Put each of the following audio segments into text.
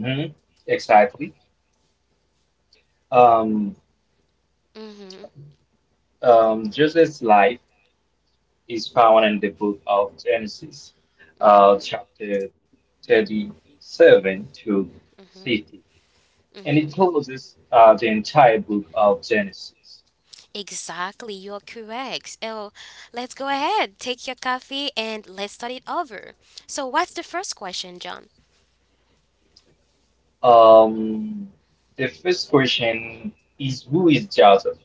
Mhm. Exactly. Um, Joseph's life is found in the book of Genesis, chapter 37 to 50, and it closes the entire book of Genesis. Um, the first question is, who is Joseph?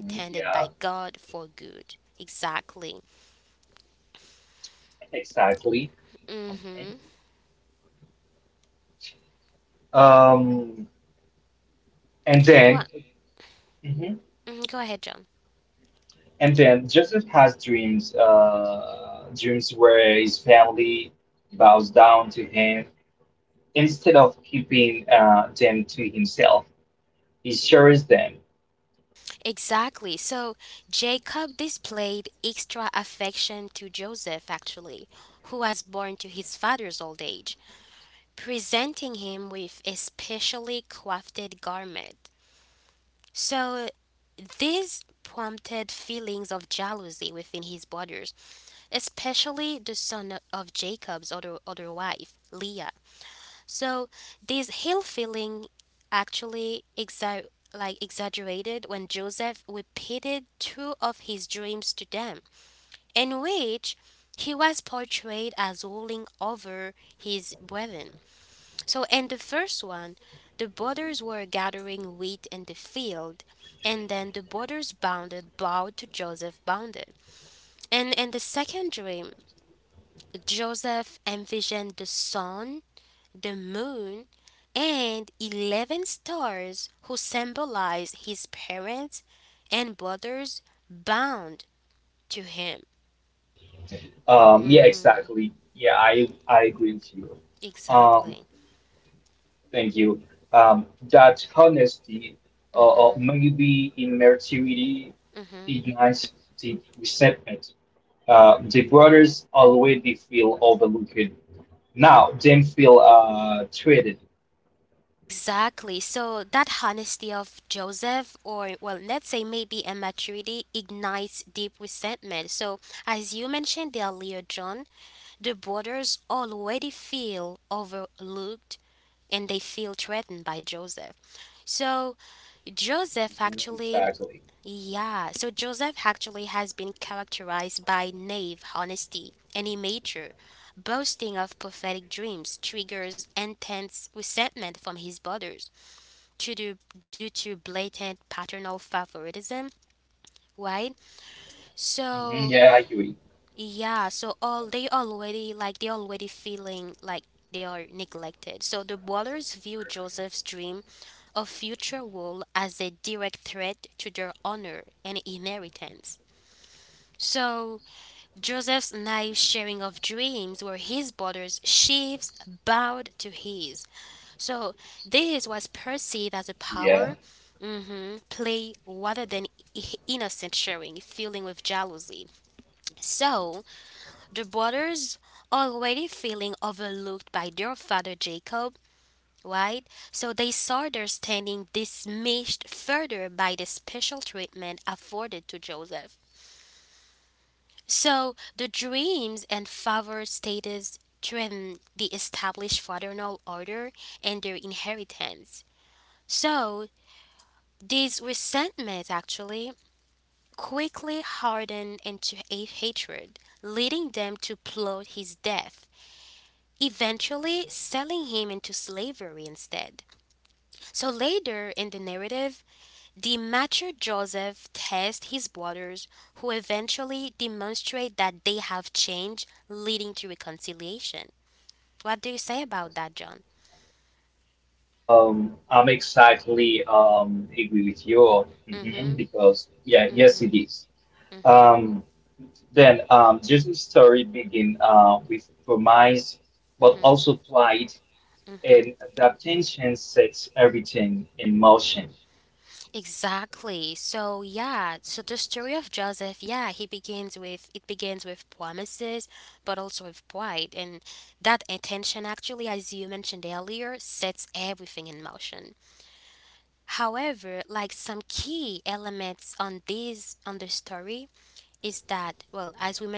Mhm. Yeah, exactly. Mhm. Um, and then, mm-hmm. And then Joseph has dreams where his family bows down to him. Instead of keeping them to himself, he shares them. Yeah, exactly. Yeah, I agree with you. Um, Thank you. Um, that honesty, or maybe immaturity, ignites deep resentment. The brothers already feel overlooked. Now they feel treated. Exactly. Hmm. Yeah, I agree. Yeah. I'm exactly agree with you. Because yeah, yes, it is. Um, then Jesus' story begin with promise, but also pride, and that tension sets everything in motion.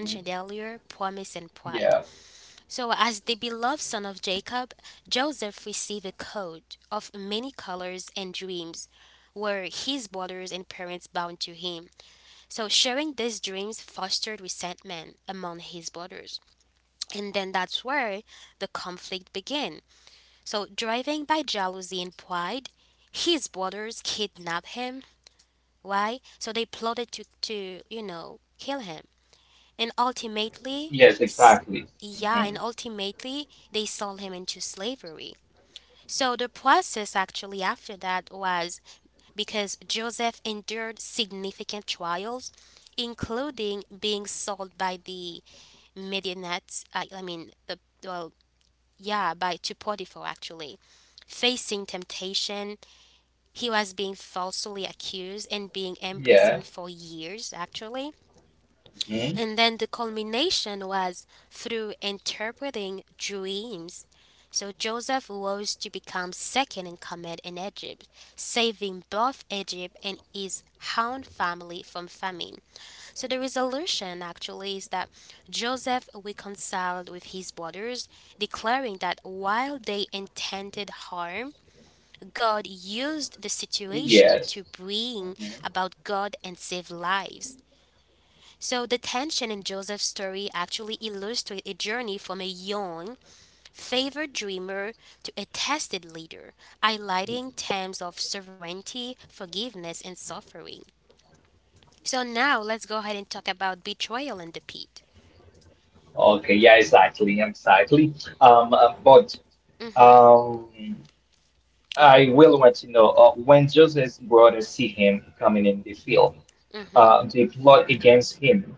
Mhm. Yeah. Yes, exactly. Hmm. Yeah. Hmm. Yes. Hmm. Okay, yeah, exactly, exactly. But Um, I will want to know when Joseph's brothers see him coming in the field, they plot against him.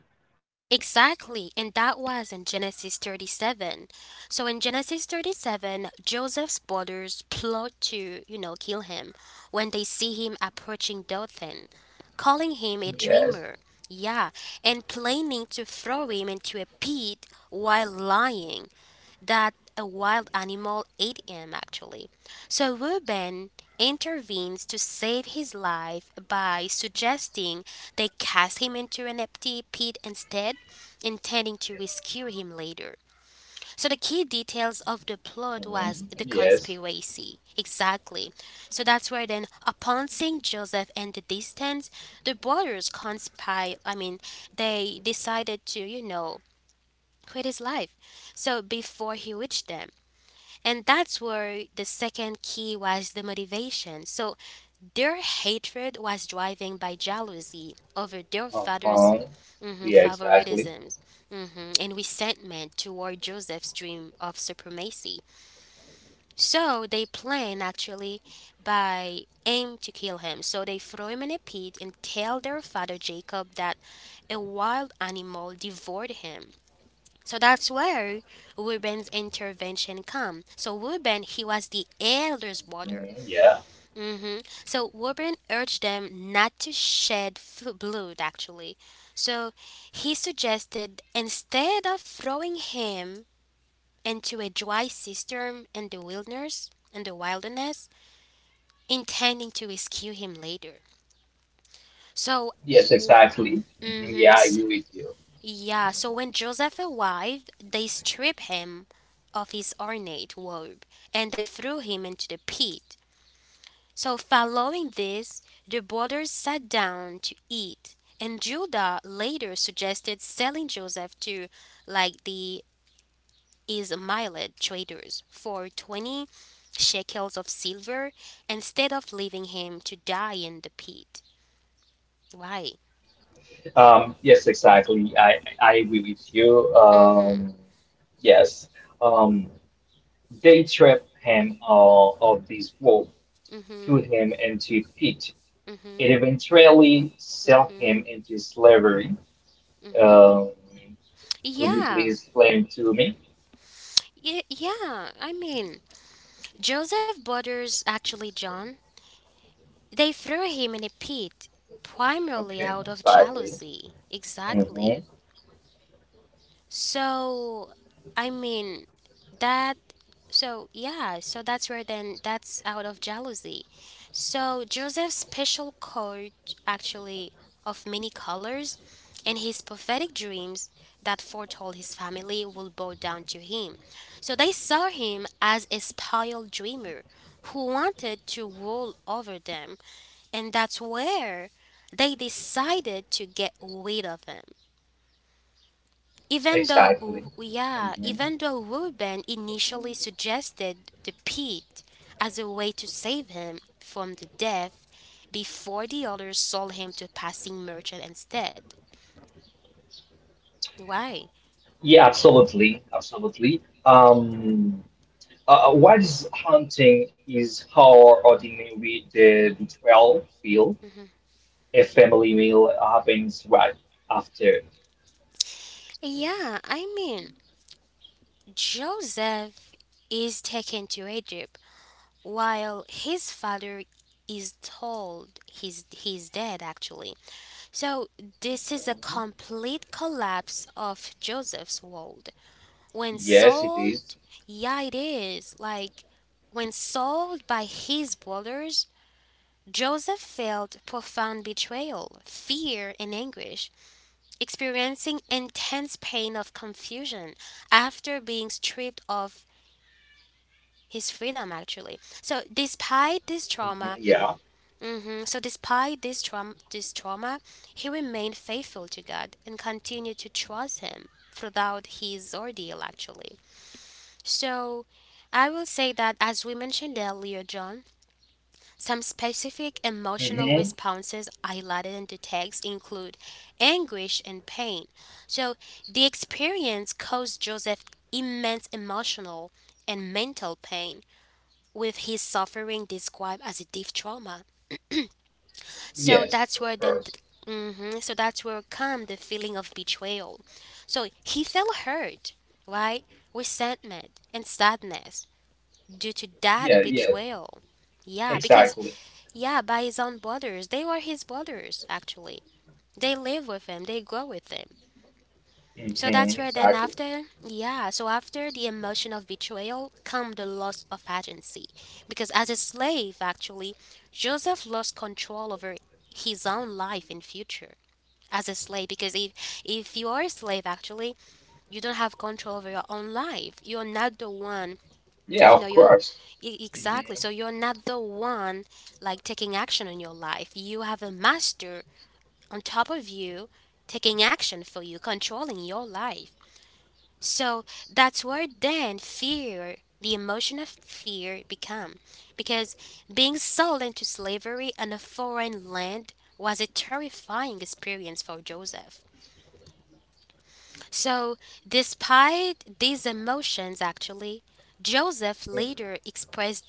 Yes. Mhm. Yes. Uh-huh. Yeah, exactly. Mhm. Yeah. Yes, exactly. Mhm. Yeah, I agree with you. Yes, exactly. I agree with you. Yes. Um, they trap him of this rope to him into pit. It eventually sell him into slavery. Um, could you please explain to me? Okay. Mhm. Exactly. Mhm. Yeah, absolutely, absolutely. What is haunting is how ordinary the betrayal feel. A family meal happens right after. Yes, it is. Mhm. Yeah. Hmm. Yes, of course. Yeah, yeah, exactly. Hmm. Exactly. Yeah, of course. Mhm.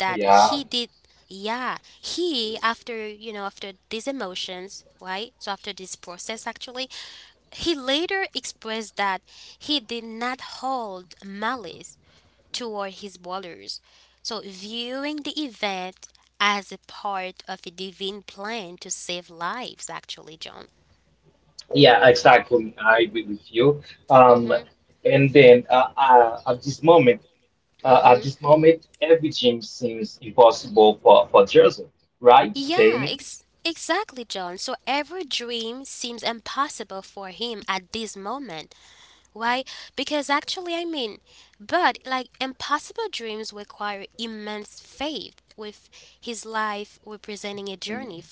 Yeah, yeah, exactly. I agree with you. Um, and then at this moment, every gym seems impossible for Joseph, right, Jamie? Mhm.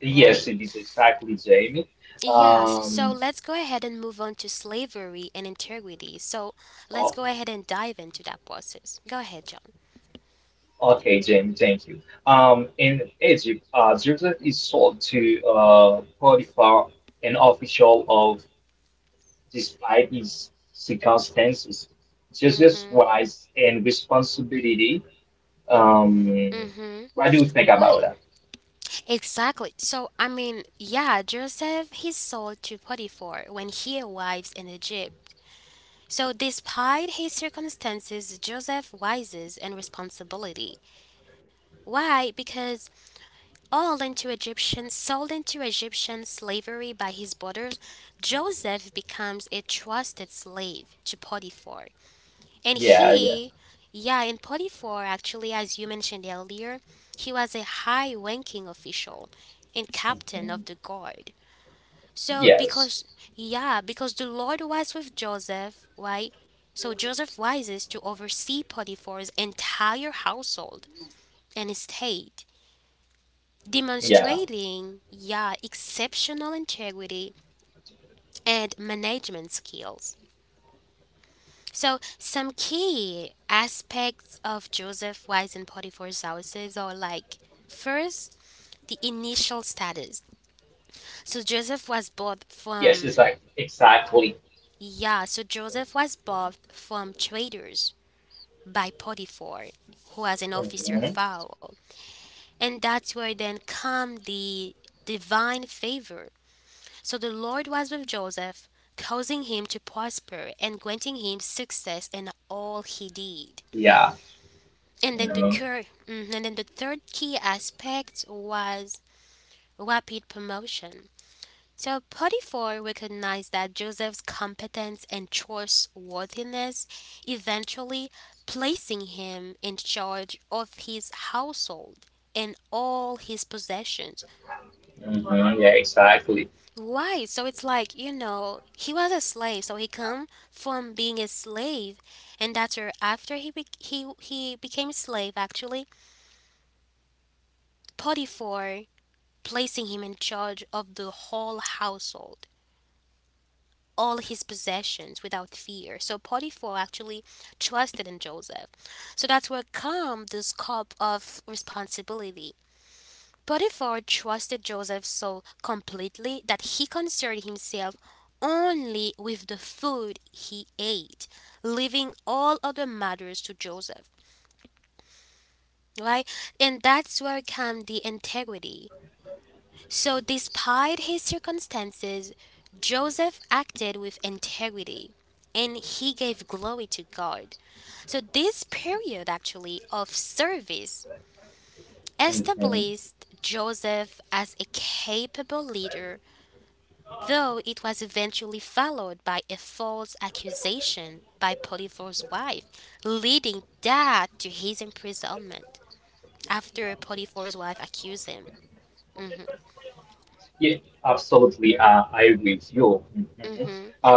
Yes, it is exactly Jamie. Um, o- okay, Jamie, thank you. In Egypt, Joseph is sold to Potiphar, an official despite his circumstances. Jesus' wise and responsibility. Um, what do you think about that? Yeah, yeah. Mhm. Yes. Yeah. Yes, it's like exactly. Mhm. Yeah. Mhm. Mhm. Yeah, exactly. Mhm. Yeah, absolutely. I agree with you. Mhm. Um,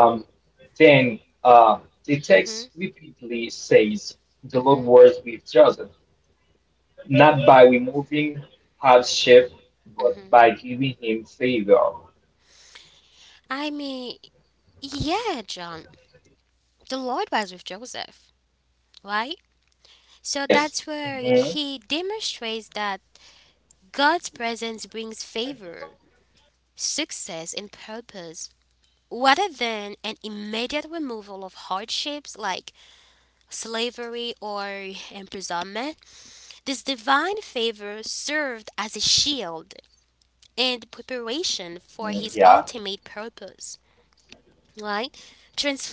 then uh, the text repeatedly says the Lord was with Joseph, not by removing hardship, but by giving him favor. Yes. Mhm. Mm. Yeah.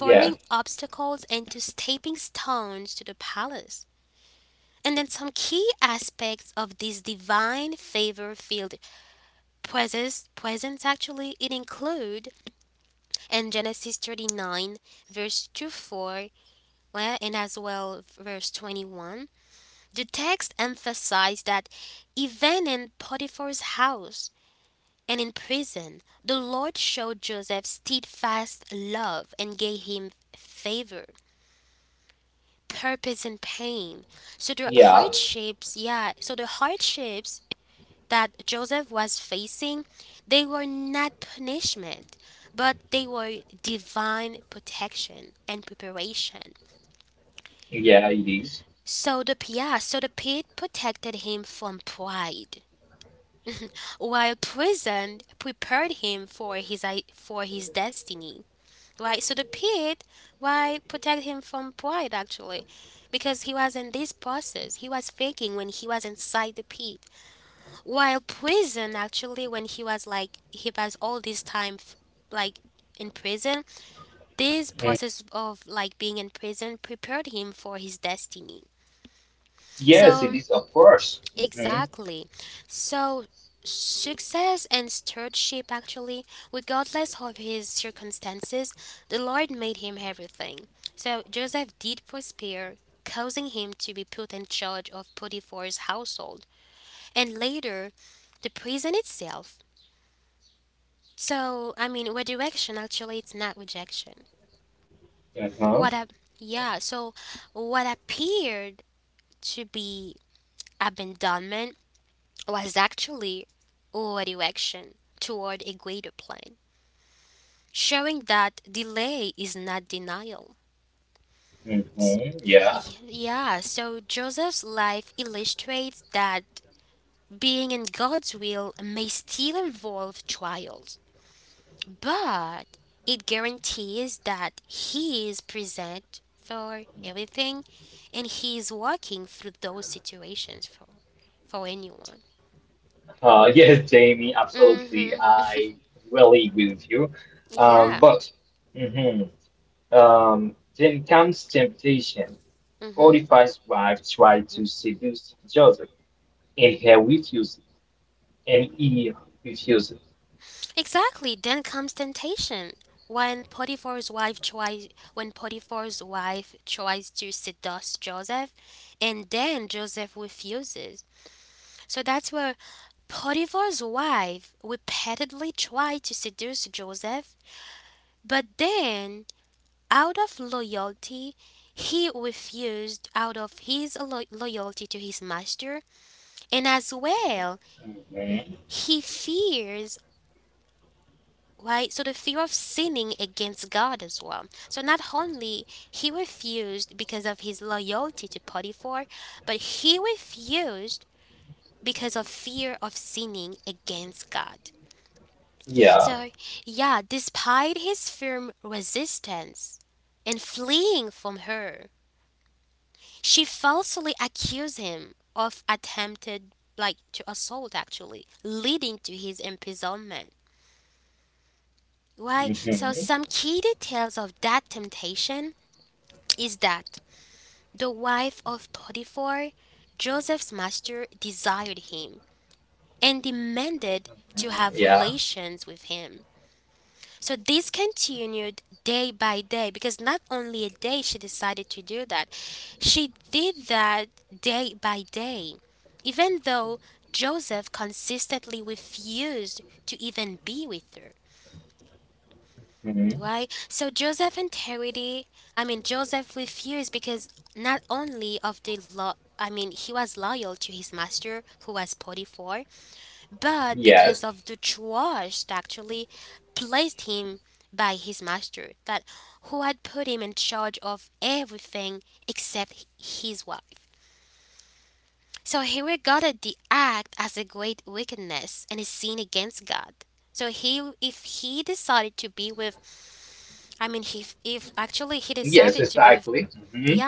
Yeah. Yeah. Yeah, it is. Mm. Yes, it is, of course. Hmm. Uh-huh. Hmm. Yeah. Yes, Jamie, absolutely. I really agree with you. But hmm then comes temptation. 45 wives tried to seduce Joseph, and he refused ME refuse. Mhm. Yeah. Mhm. Mhm. Yeah. Mhm. Yes. Yes, exactly. Mhm.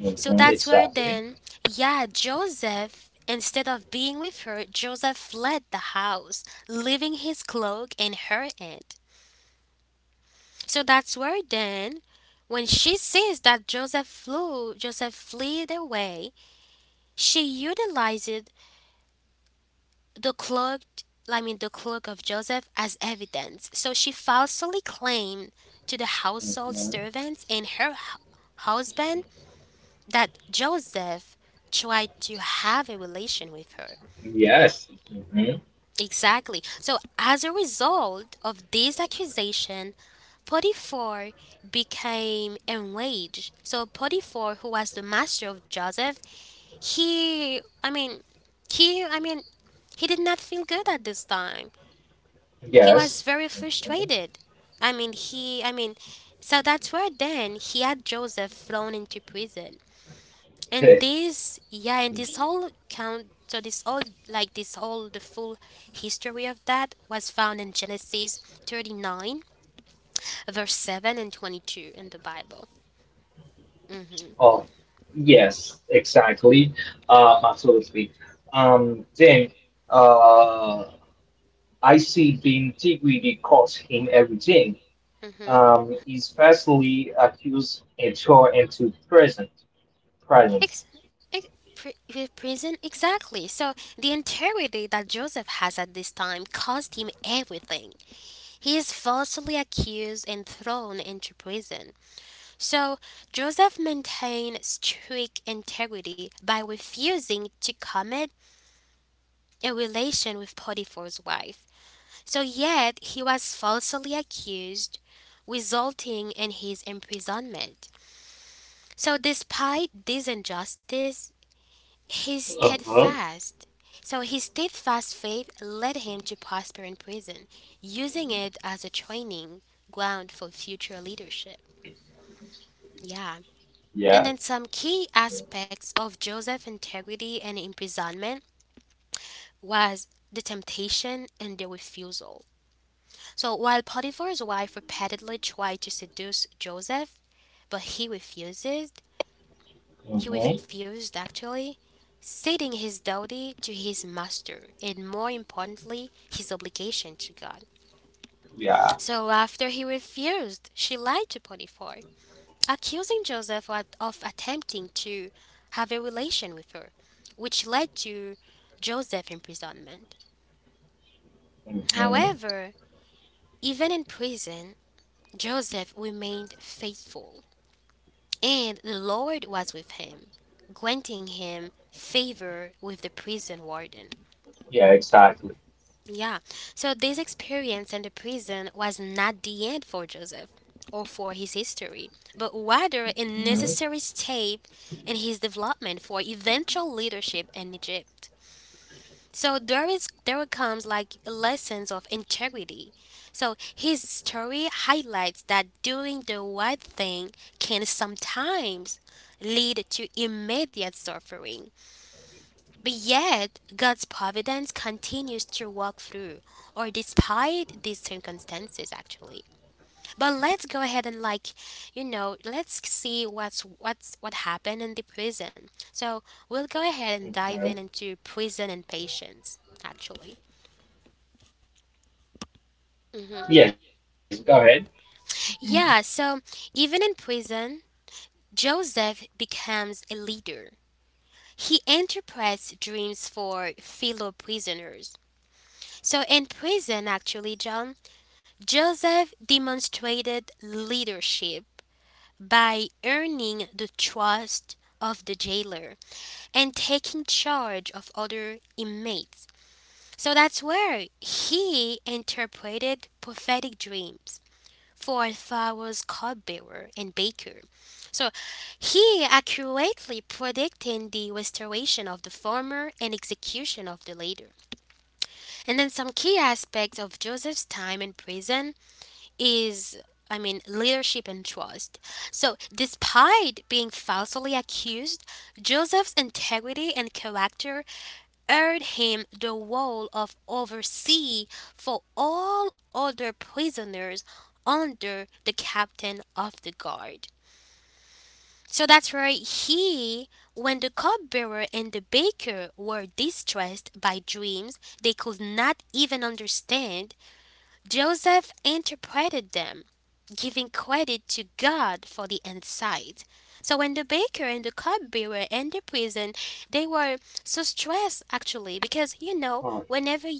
Mhm. Exactly. Mhm. Yes. Mhm. Yes. Mhm. Oh, yes, exactly. Absolutely. Then uh, I see the integrity cost him everything. He's falsely accused and thrown into prison. Present. Uh-huh. Yeah. Mm-hmm. Yeah. Mm-hmm. Yeah, exactly. Mm-hmm. Mm-hmm. Yes, go ahead. Mm-hmm.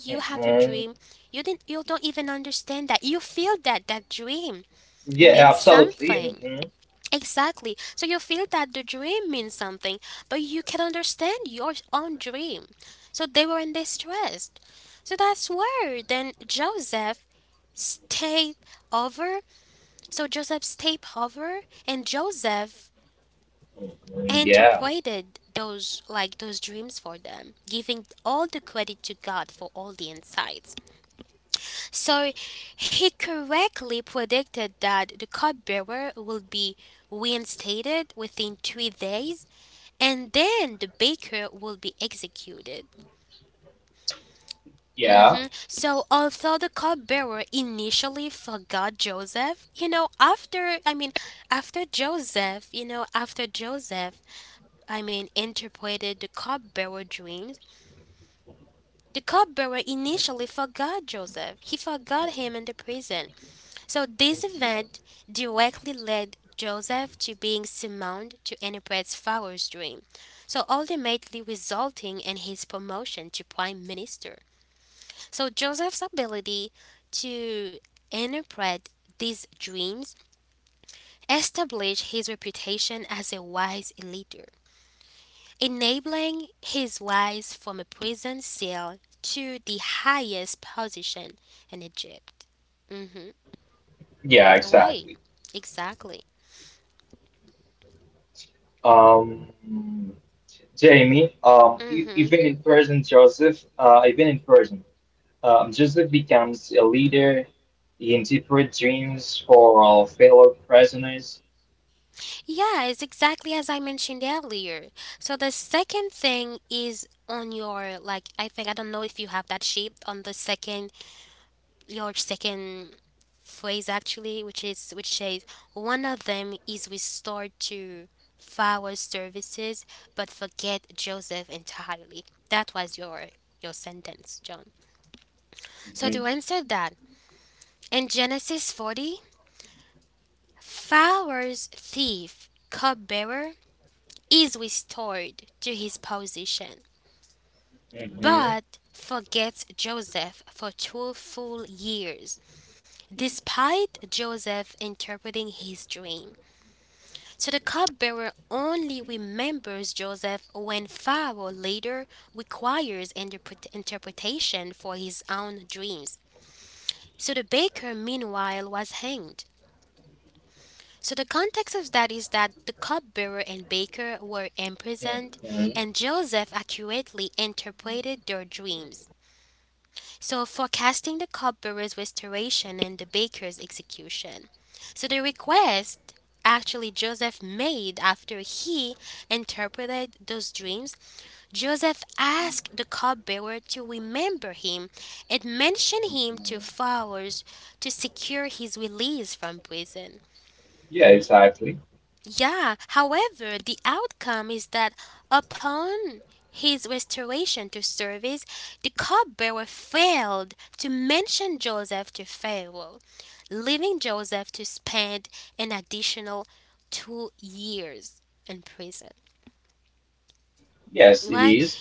Mm-hmm. Yeah, absolutely. Mm-hmm. Hmm. Yeah. Yeah. Yeah, exactly. Um, Jamie, even in person, Joseph becomes a leader. He interprets dreams for our fellow prisoners. Mm-hmm. Mm-hmm. Mm-hmm. Mhm. Yeah, exactly. Yes, it is.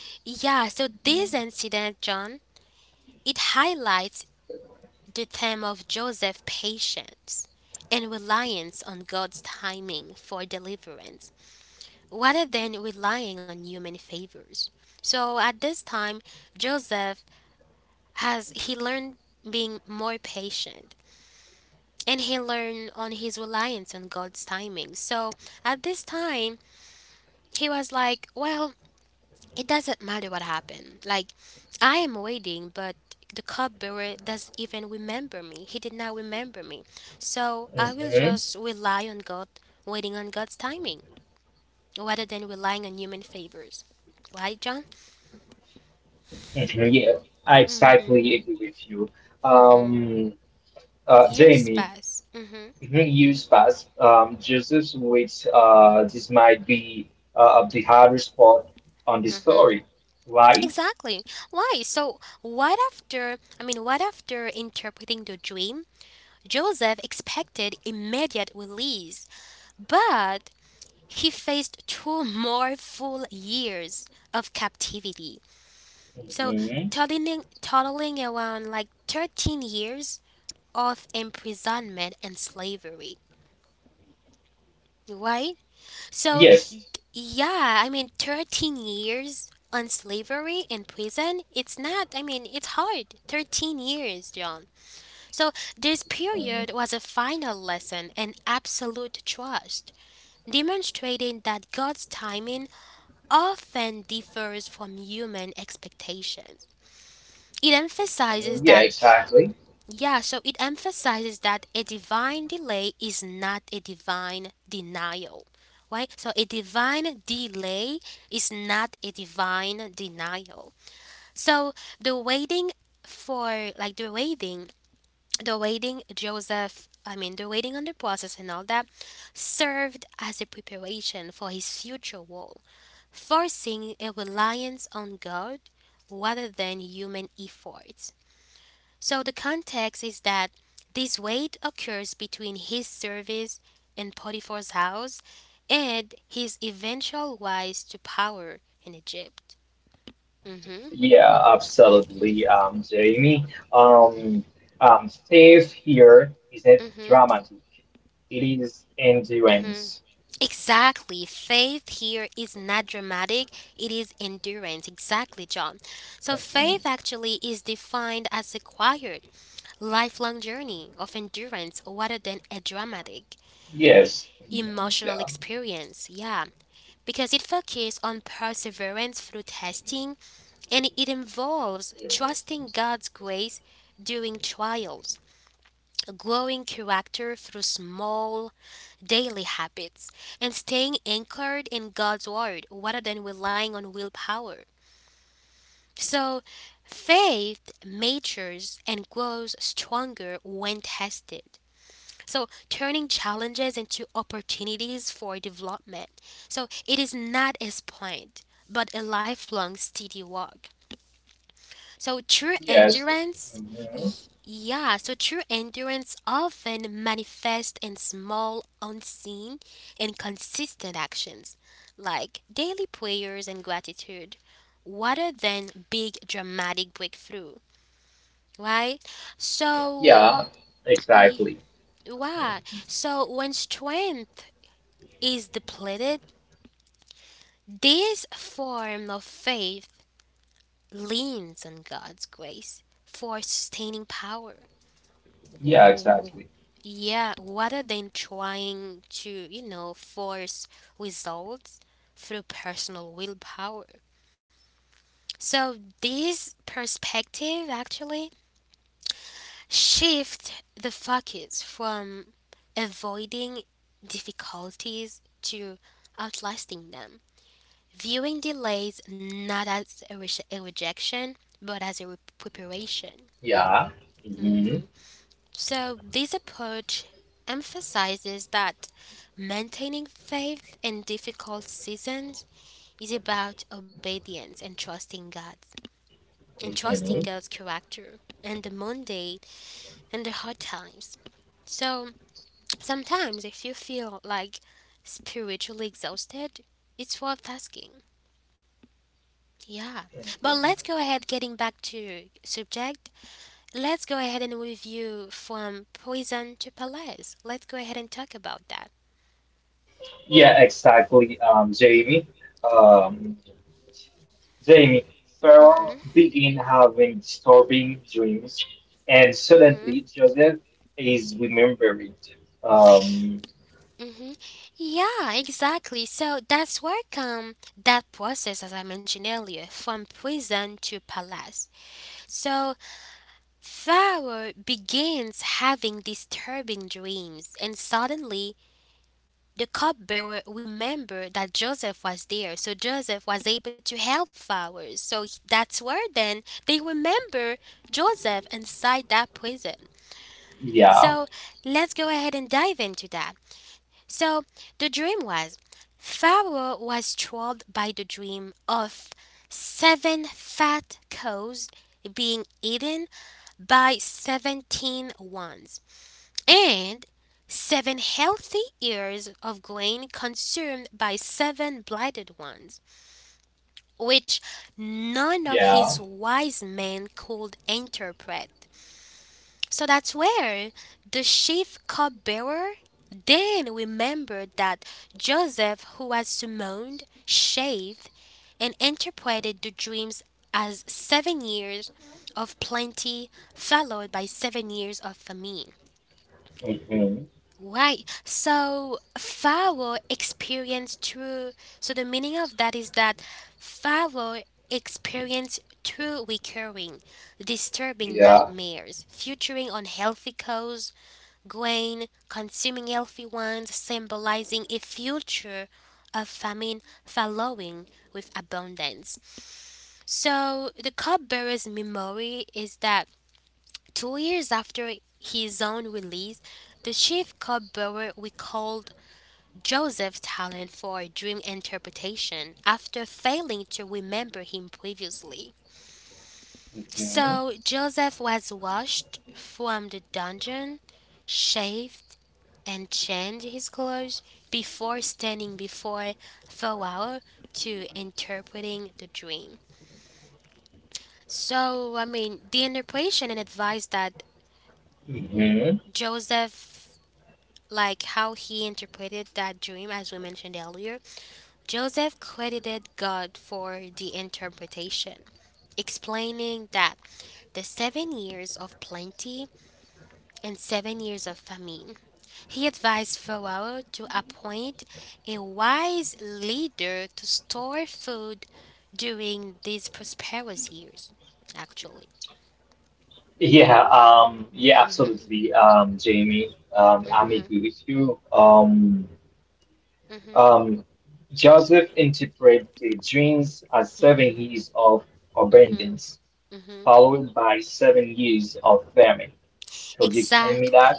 Mhm. Mhm. Yeah, I exactly agree with you. Um, Jamie, mhm, uses which this might be of the hardest part on the story, right? Mhm. Yes. Mhm. Yeah, exactly. Yeah, absolutely, Jamie. Um, Faith here isn't dramatic. It is endurance. Mhm. Yes. Mhm. Yeah. Yes. Mhm. Yeah. Exactly. Yeah, exactly. Yeah. Hmm. Hmm. Yeah, exactly, Jamie. Um. Jamie Farrar begins having disturbing dreams, and suddenly Joseph is remembered. Um, yeah, yeah, hmm, yeah, hmm, hmm, yeah, yeah, absolutely, Jamie. I'm agree with you. Um, Joseph interprets the dreams as 7 years of abundance, followed by 7 years of famine. Could you explain me that?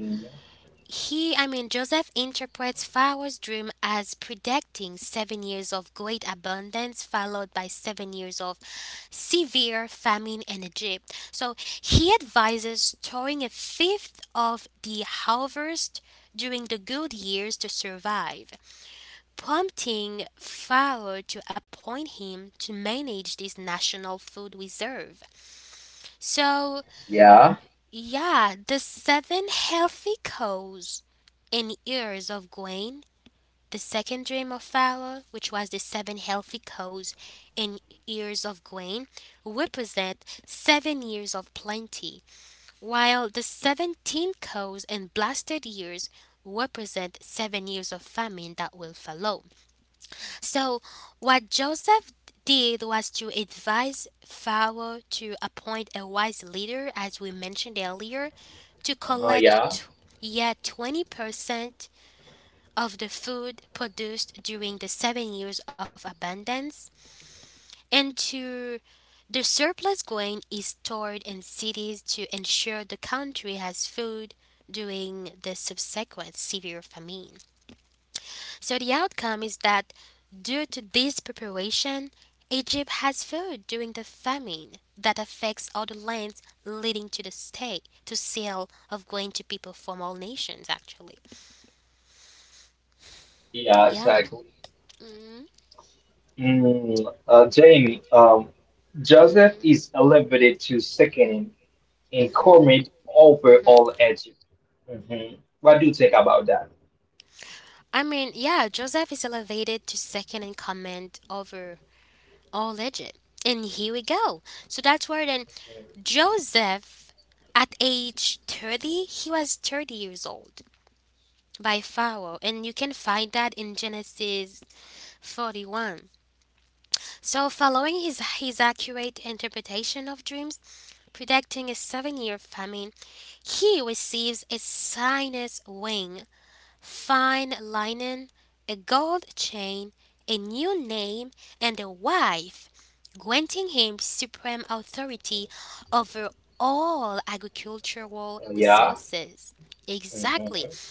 Mm, yeah. Uh-huh, yeah. Yeah, exactly. Mm, Jamie, Joseph is elevated to second in Cormid over all Egypt. hmm What do you think about that? Mm, yeah. Hmm.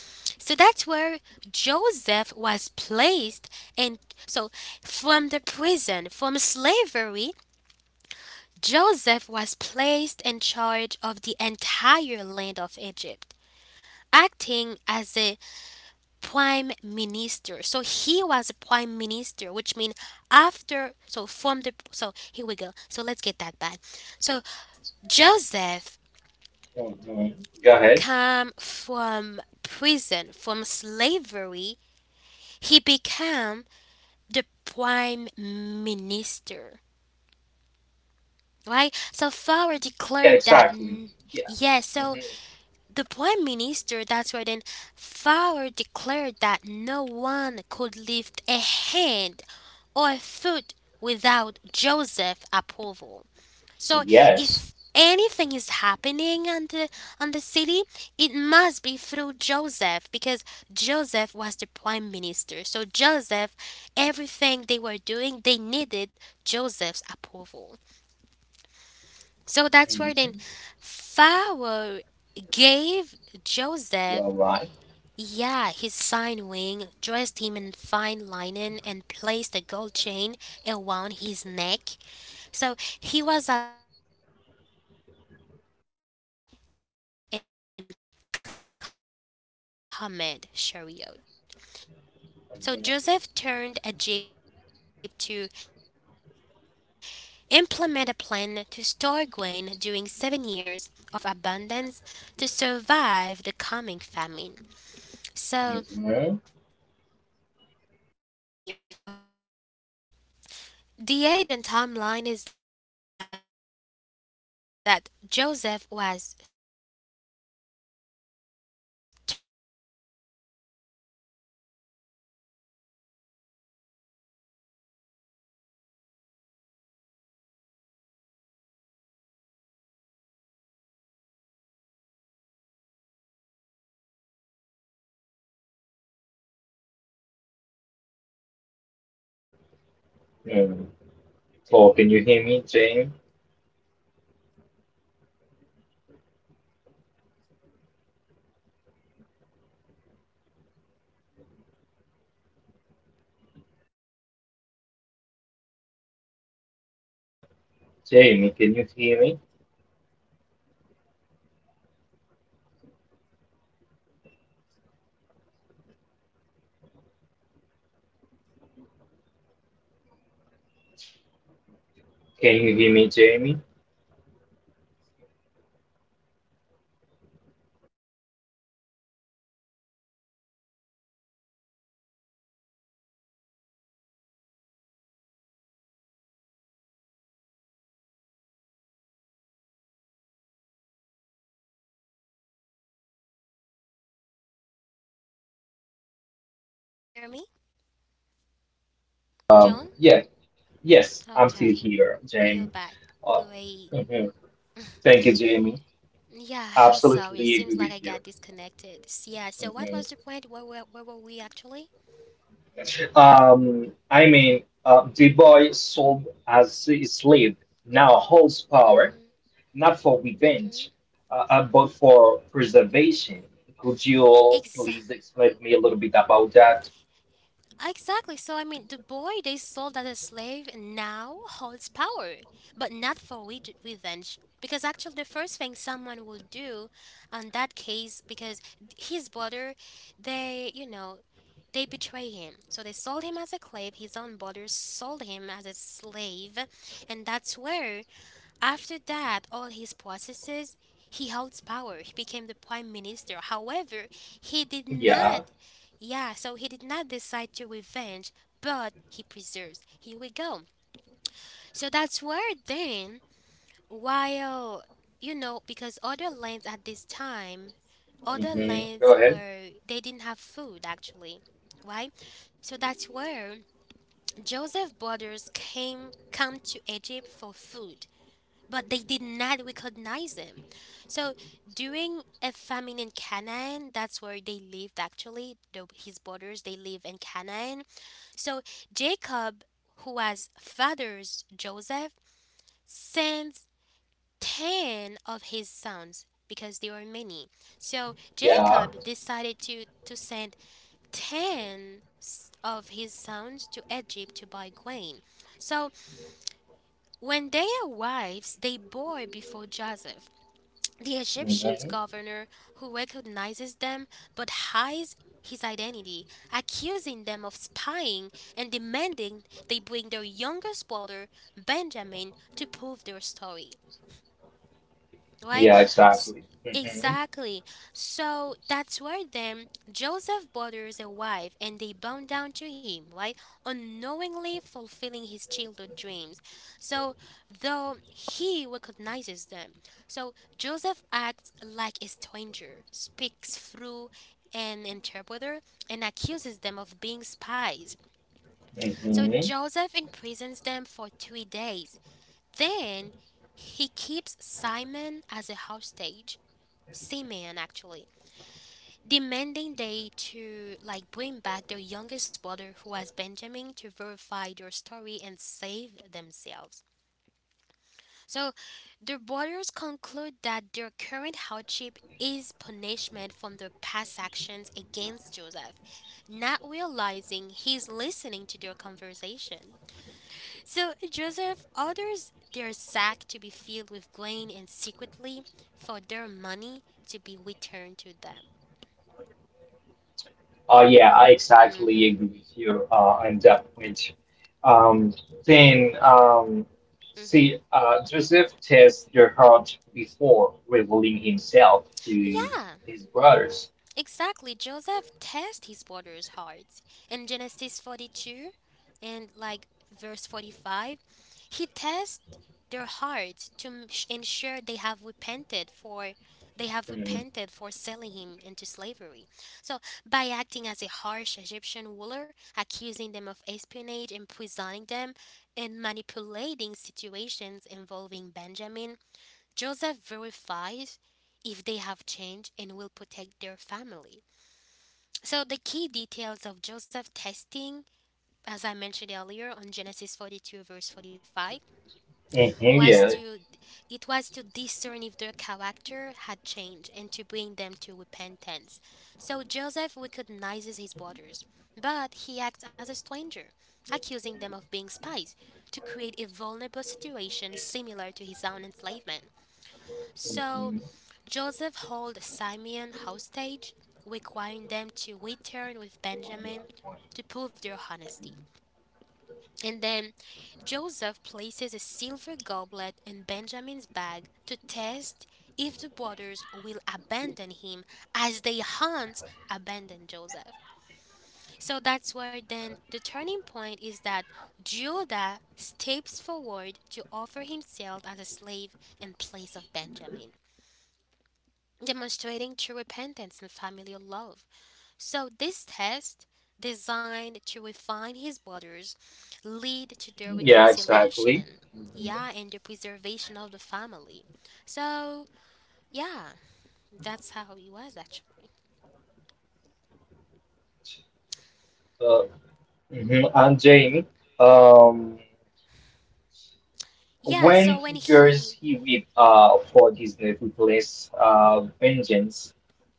Hmm. Go ahead. Yeah, exactly. Yeah. Hmm. Yes. Hmm. You're right. hmm hmm mm Paul, can you hear me, Jamie? Jamie, can you hear me? Can you hear me, Jamie? John, can you still hear me? John? Yeah, yes, I'm still Okay, here, Jamie. you're back. Uh, Great. mhm. Thank you, Jamie. Yeah, I'm sorry. It Absolutely agree seems like with I you. got disconnected. Yeah, so what Mhm. was the point? Where were we actually? I mean, the boy sold as a slave now holds power, Mm-hmm. not for revenge, but for preservation. Could you Mm-hmm. please explain me a little bit about that? Exactly. So the boy they sold as a slave now holds power, but not for revenge. Because actually, the first thing someone will do, on that case, because his brother, they they betray him. So they sold him as a slave. His own brother sold him as a slave, and that's where after that, all his processes, he holds power. He became the prime minister. However, he did Yeah. not, yeah, so he did not decide to revenge, but he preserves. Here we go. So that's where then, while, you know, because other lands at this time, other Hmm. Go lands ahead. were, they didn't have food actually, right? So that's where Joseph Brothers came come to Egypt for food, but they did not recognize him. So during a famine in Canaan, that's where they lived actually, his brothers, they live in Canaan. So Jacob, who was father's Joseph, sends 10 of his sons because there are many. So Yeah. Jacob decided to send 10 of his sons to Egypt to buy grain. So when they arrived, they bore before Joseph. The Egyptian Hmm. governor, who recognizes them but hides his identity, accusing them of spying and demanding they bring their youngest brother, Benjamin, to prove their story, right? Yeah, S- exactly. Hmm. exactly. So that's where then Joseph bothers a wife and they bound down to him, right? Unknowingly fulfilling his childhood dreams. So though he recognizes them, so Joseph acts like a stranger, speaks through an interpreter and accuses them of being spies. So Hmm. Joseph imprisons them for 3 days. Then he keeps Simon as a hostage, seamen actually, demanding they to like bring back their youngest brother who was Benjamin to verify their story and save themselves. So the brothers conclude that their current hardship is punishment from their past actions against Joseph, not realizing he's listening to their conversation. So Joseph orders their sack to be filled with grain and secretly for their money to be returned to them. Yeah, I exactly Mm-hmm. agree with you on that point. Um, then, um, Hmm. See, Joseph tests the heart before revealing himself to Yeah, his brothers. exactly. Joseph tests his brothers hard. In Genesis 42 and like verse 45, he tests their hearts to ensure they have repented for Mhm. Selling him into slavery. So, by acting as a harsh Egyptian ruler, accusing them of espionage, imprisoning them, and manipulating situations involving Benjamin, Joseph verifies if they have changed and will protect their family. So the key details of Joseph testing, as I mentioned earlier on Genesis 42 verse 45, Mhm. was Yeah. to it was to discern if their character had changed and to bring them to repentance. So Joseph recognizes his brothers, but he acts as a stranger, accusing them of being spies to create a vulnerable situation similar to his own enslavement. So Mhm. Joseph held Simeon hostage, requiring them to return with Benjamin to prove their honesty. And then Joseph places a silver goblet in Benjamin's bag to test if the brothers will abandon him as they hunt abandon Joseph. So that's where then the turning point is that Judah steps forward to offer himself as a slave in place of Benjamin, demonstrating true repentance and familial love. So this test, designed to refine his brothers, lead to their Yeah, exactly. reconciliation. Yeah, and the preservation of the family. So yeah, that's how he was actually. Uh, mhm, And Jamie. Um, Yeah, so When when he he hears he read for his ruthless vengeance,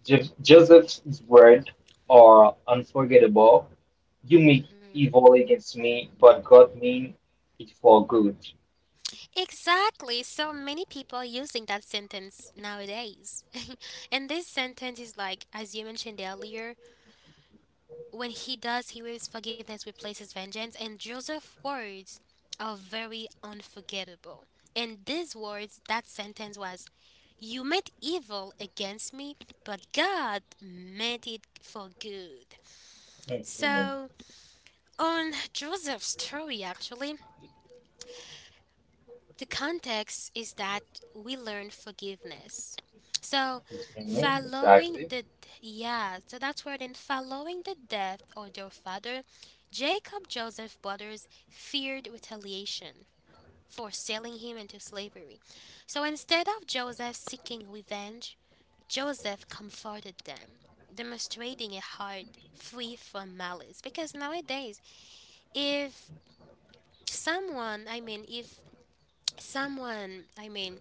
Joseph's words are unforgettable. You mean Mhm. evil against me, but God mean it for good. Exactly. So many people are using that sentence nowadays. And this sentence is like, as you mentioned earlier, when he does, he waves forgiveness, replaces vengeance, and Joseph's words are very unforgettable. And these words, that sentence was, you meant evil against me, but God meant it for good. Mhm. So, on Joseph's story, actually, the context is that we learn forgiveness. So, Mhm. following Exactly. the yeah, so that's where then following the death of their father, Jacob, Joseph brothers feared retaliation for selling him into slavery. So instead of Joseph seeking revenge, Joseph comforted them, demonstrating a heart free from malice. Because nowadays, if if someone,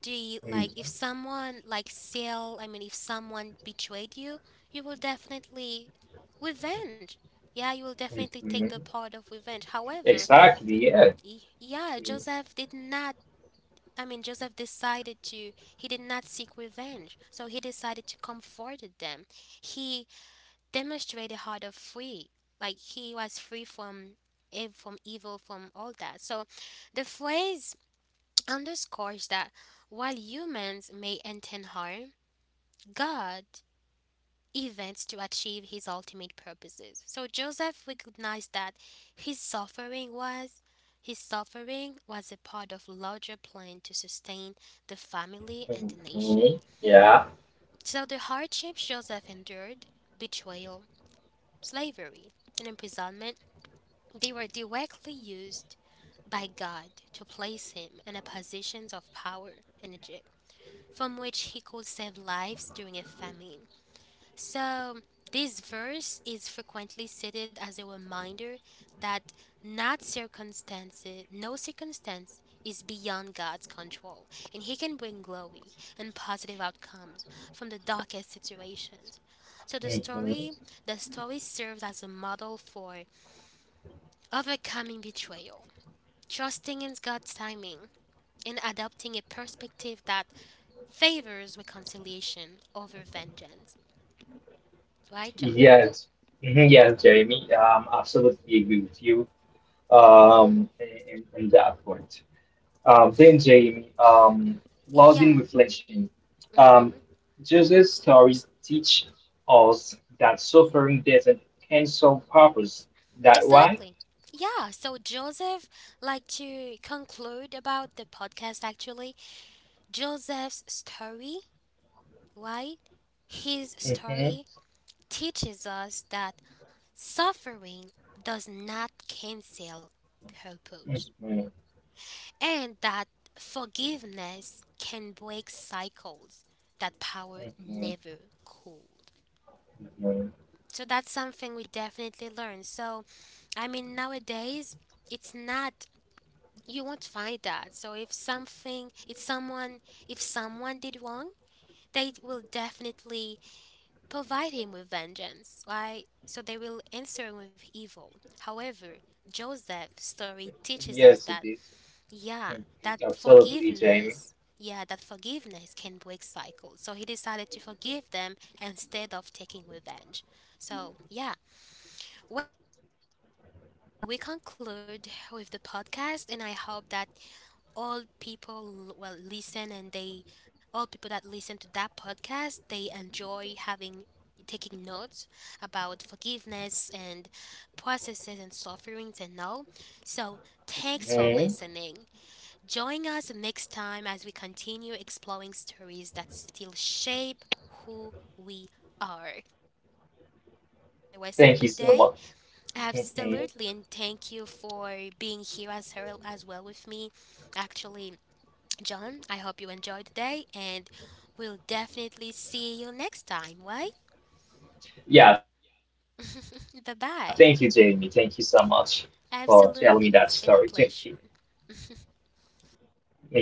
do you Mhm. like if someone like sell if someone betrayed you, you will definitely revenge, yeah, you will definitely take the Mhm. part of revenge. However, Exactly. Yeah. Yeah, joseph did not joseph decided to, he did not seek revenge, so he decided to comfort them. He demonstrated how to free, like he was free from from evil, from all that. So the phrase underscores that while humans may intend harm, God events to achieve his ultimate purposes. So Joseph recognized that his suffering was his suffering was a part of larger plan to sustain the family and the Mhm. nation. Yeah. So the hardships Joseph endured, betrayal, slavery, and imprisonment, they were directly used by God to place him in a positions of power in Egypt, from which he could save lives during a famine. So, this verse is frequently cited as a reminder that not circumstances, no circumstance is beyond God's control, and He can bring glory and positive outcomes from the darkest situations. So Mhm. The story serves as a model for overcoming betrayal, trusting in God's timing, and adopting a perspective that favors reconciliation over vengeance. Right, John? Yes. Mhm. Yes, Jamie. Absolutely agree with you. Mm-hmm. In that point. Then Jamie, loss in Yeah. reflection. Um, Mm-hmm. Jesus' stories teach us that suffering doesn't cancel purpose. That why? Exactly. Yeah. So Joseph, like to conclude about the podcast. Actually, Joseph's story, right? His Hmm. story teaches us that suffering does not cancel purpose, Hmm. and that forgiveness can break cycles that power Hmm. never could. Hmm. So that's something we definitely learn. So, I mean, nowadays, it's not, you won't find that. So if someone did wrong, they will definitely provide him with vengeance, right? So they will answer him with evil. However, Joseph's story teaches us Yes, it that, is. yeah, Mhm. Absolutely, Jamie. Yeah, that forgiveness can break cycles. So he decided to forgive them instead of taking revenge. So, yeah. Well, I mean, we conclude with the podcast, and I hope that all people l- will listen and they, all people that listen to that podcast, they enjoy having taking notes about forgiveness and processes and sufferings and all. So, thanks for hmm listening. Join us next time as we continue exploring stories that still shape who we are. I hope everyone enjoyed the rest Thank of you the so much. day. Hmm. Absolutely, and thank you for being here as well with me. Actually, John, I hope you enjoyed the day, and we'll definitely see you next time. Right? Yeah, thank you, Jamie. Thank you so Bye much bye. for telling me that story. Thank you. Absolutely, it's been a pleasure. Me too.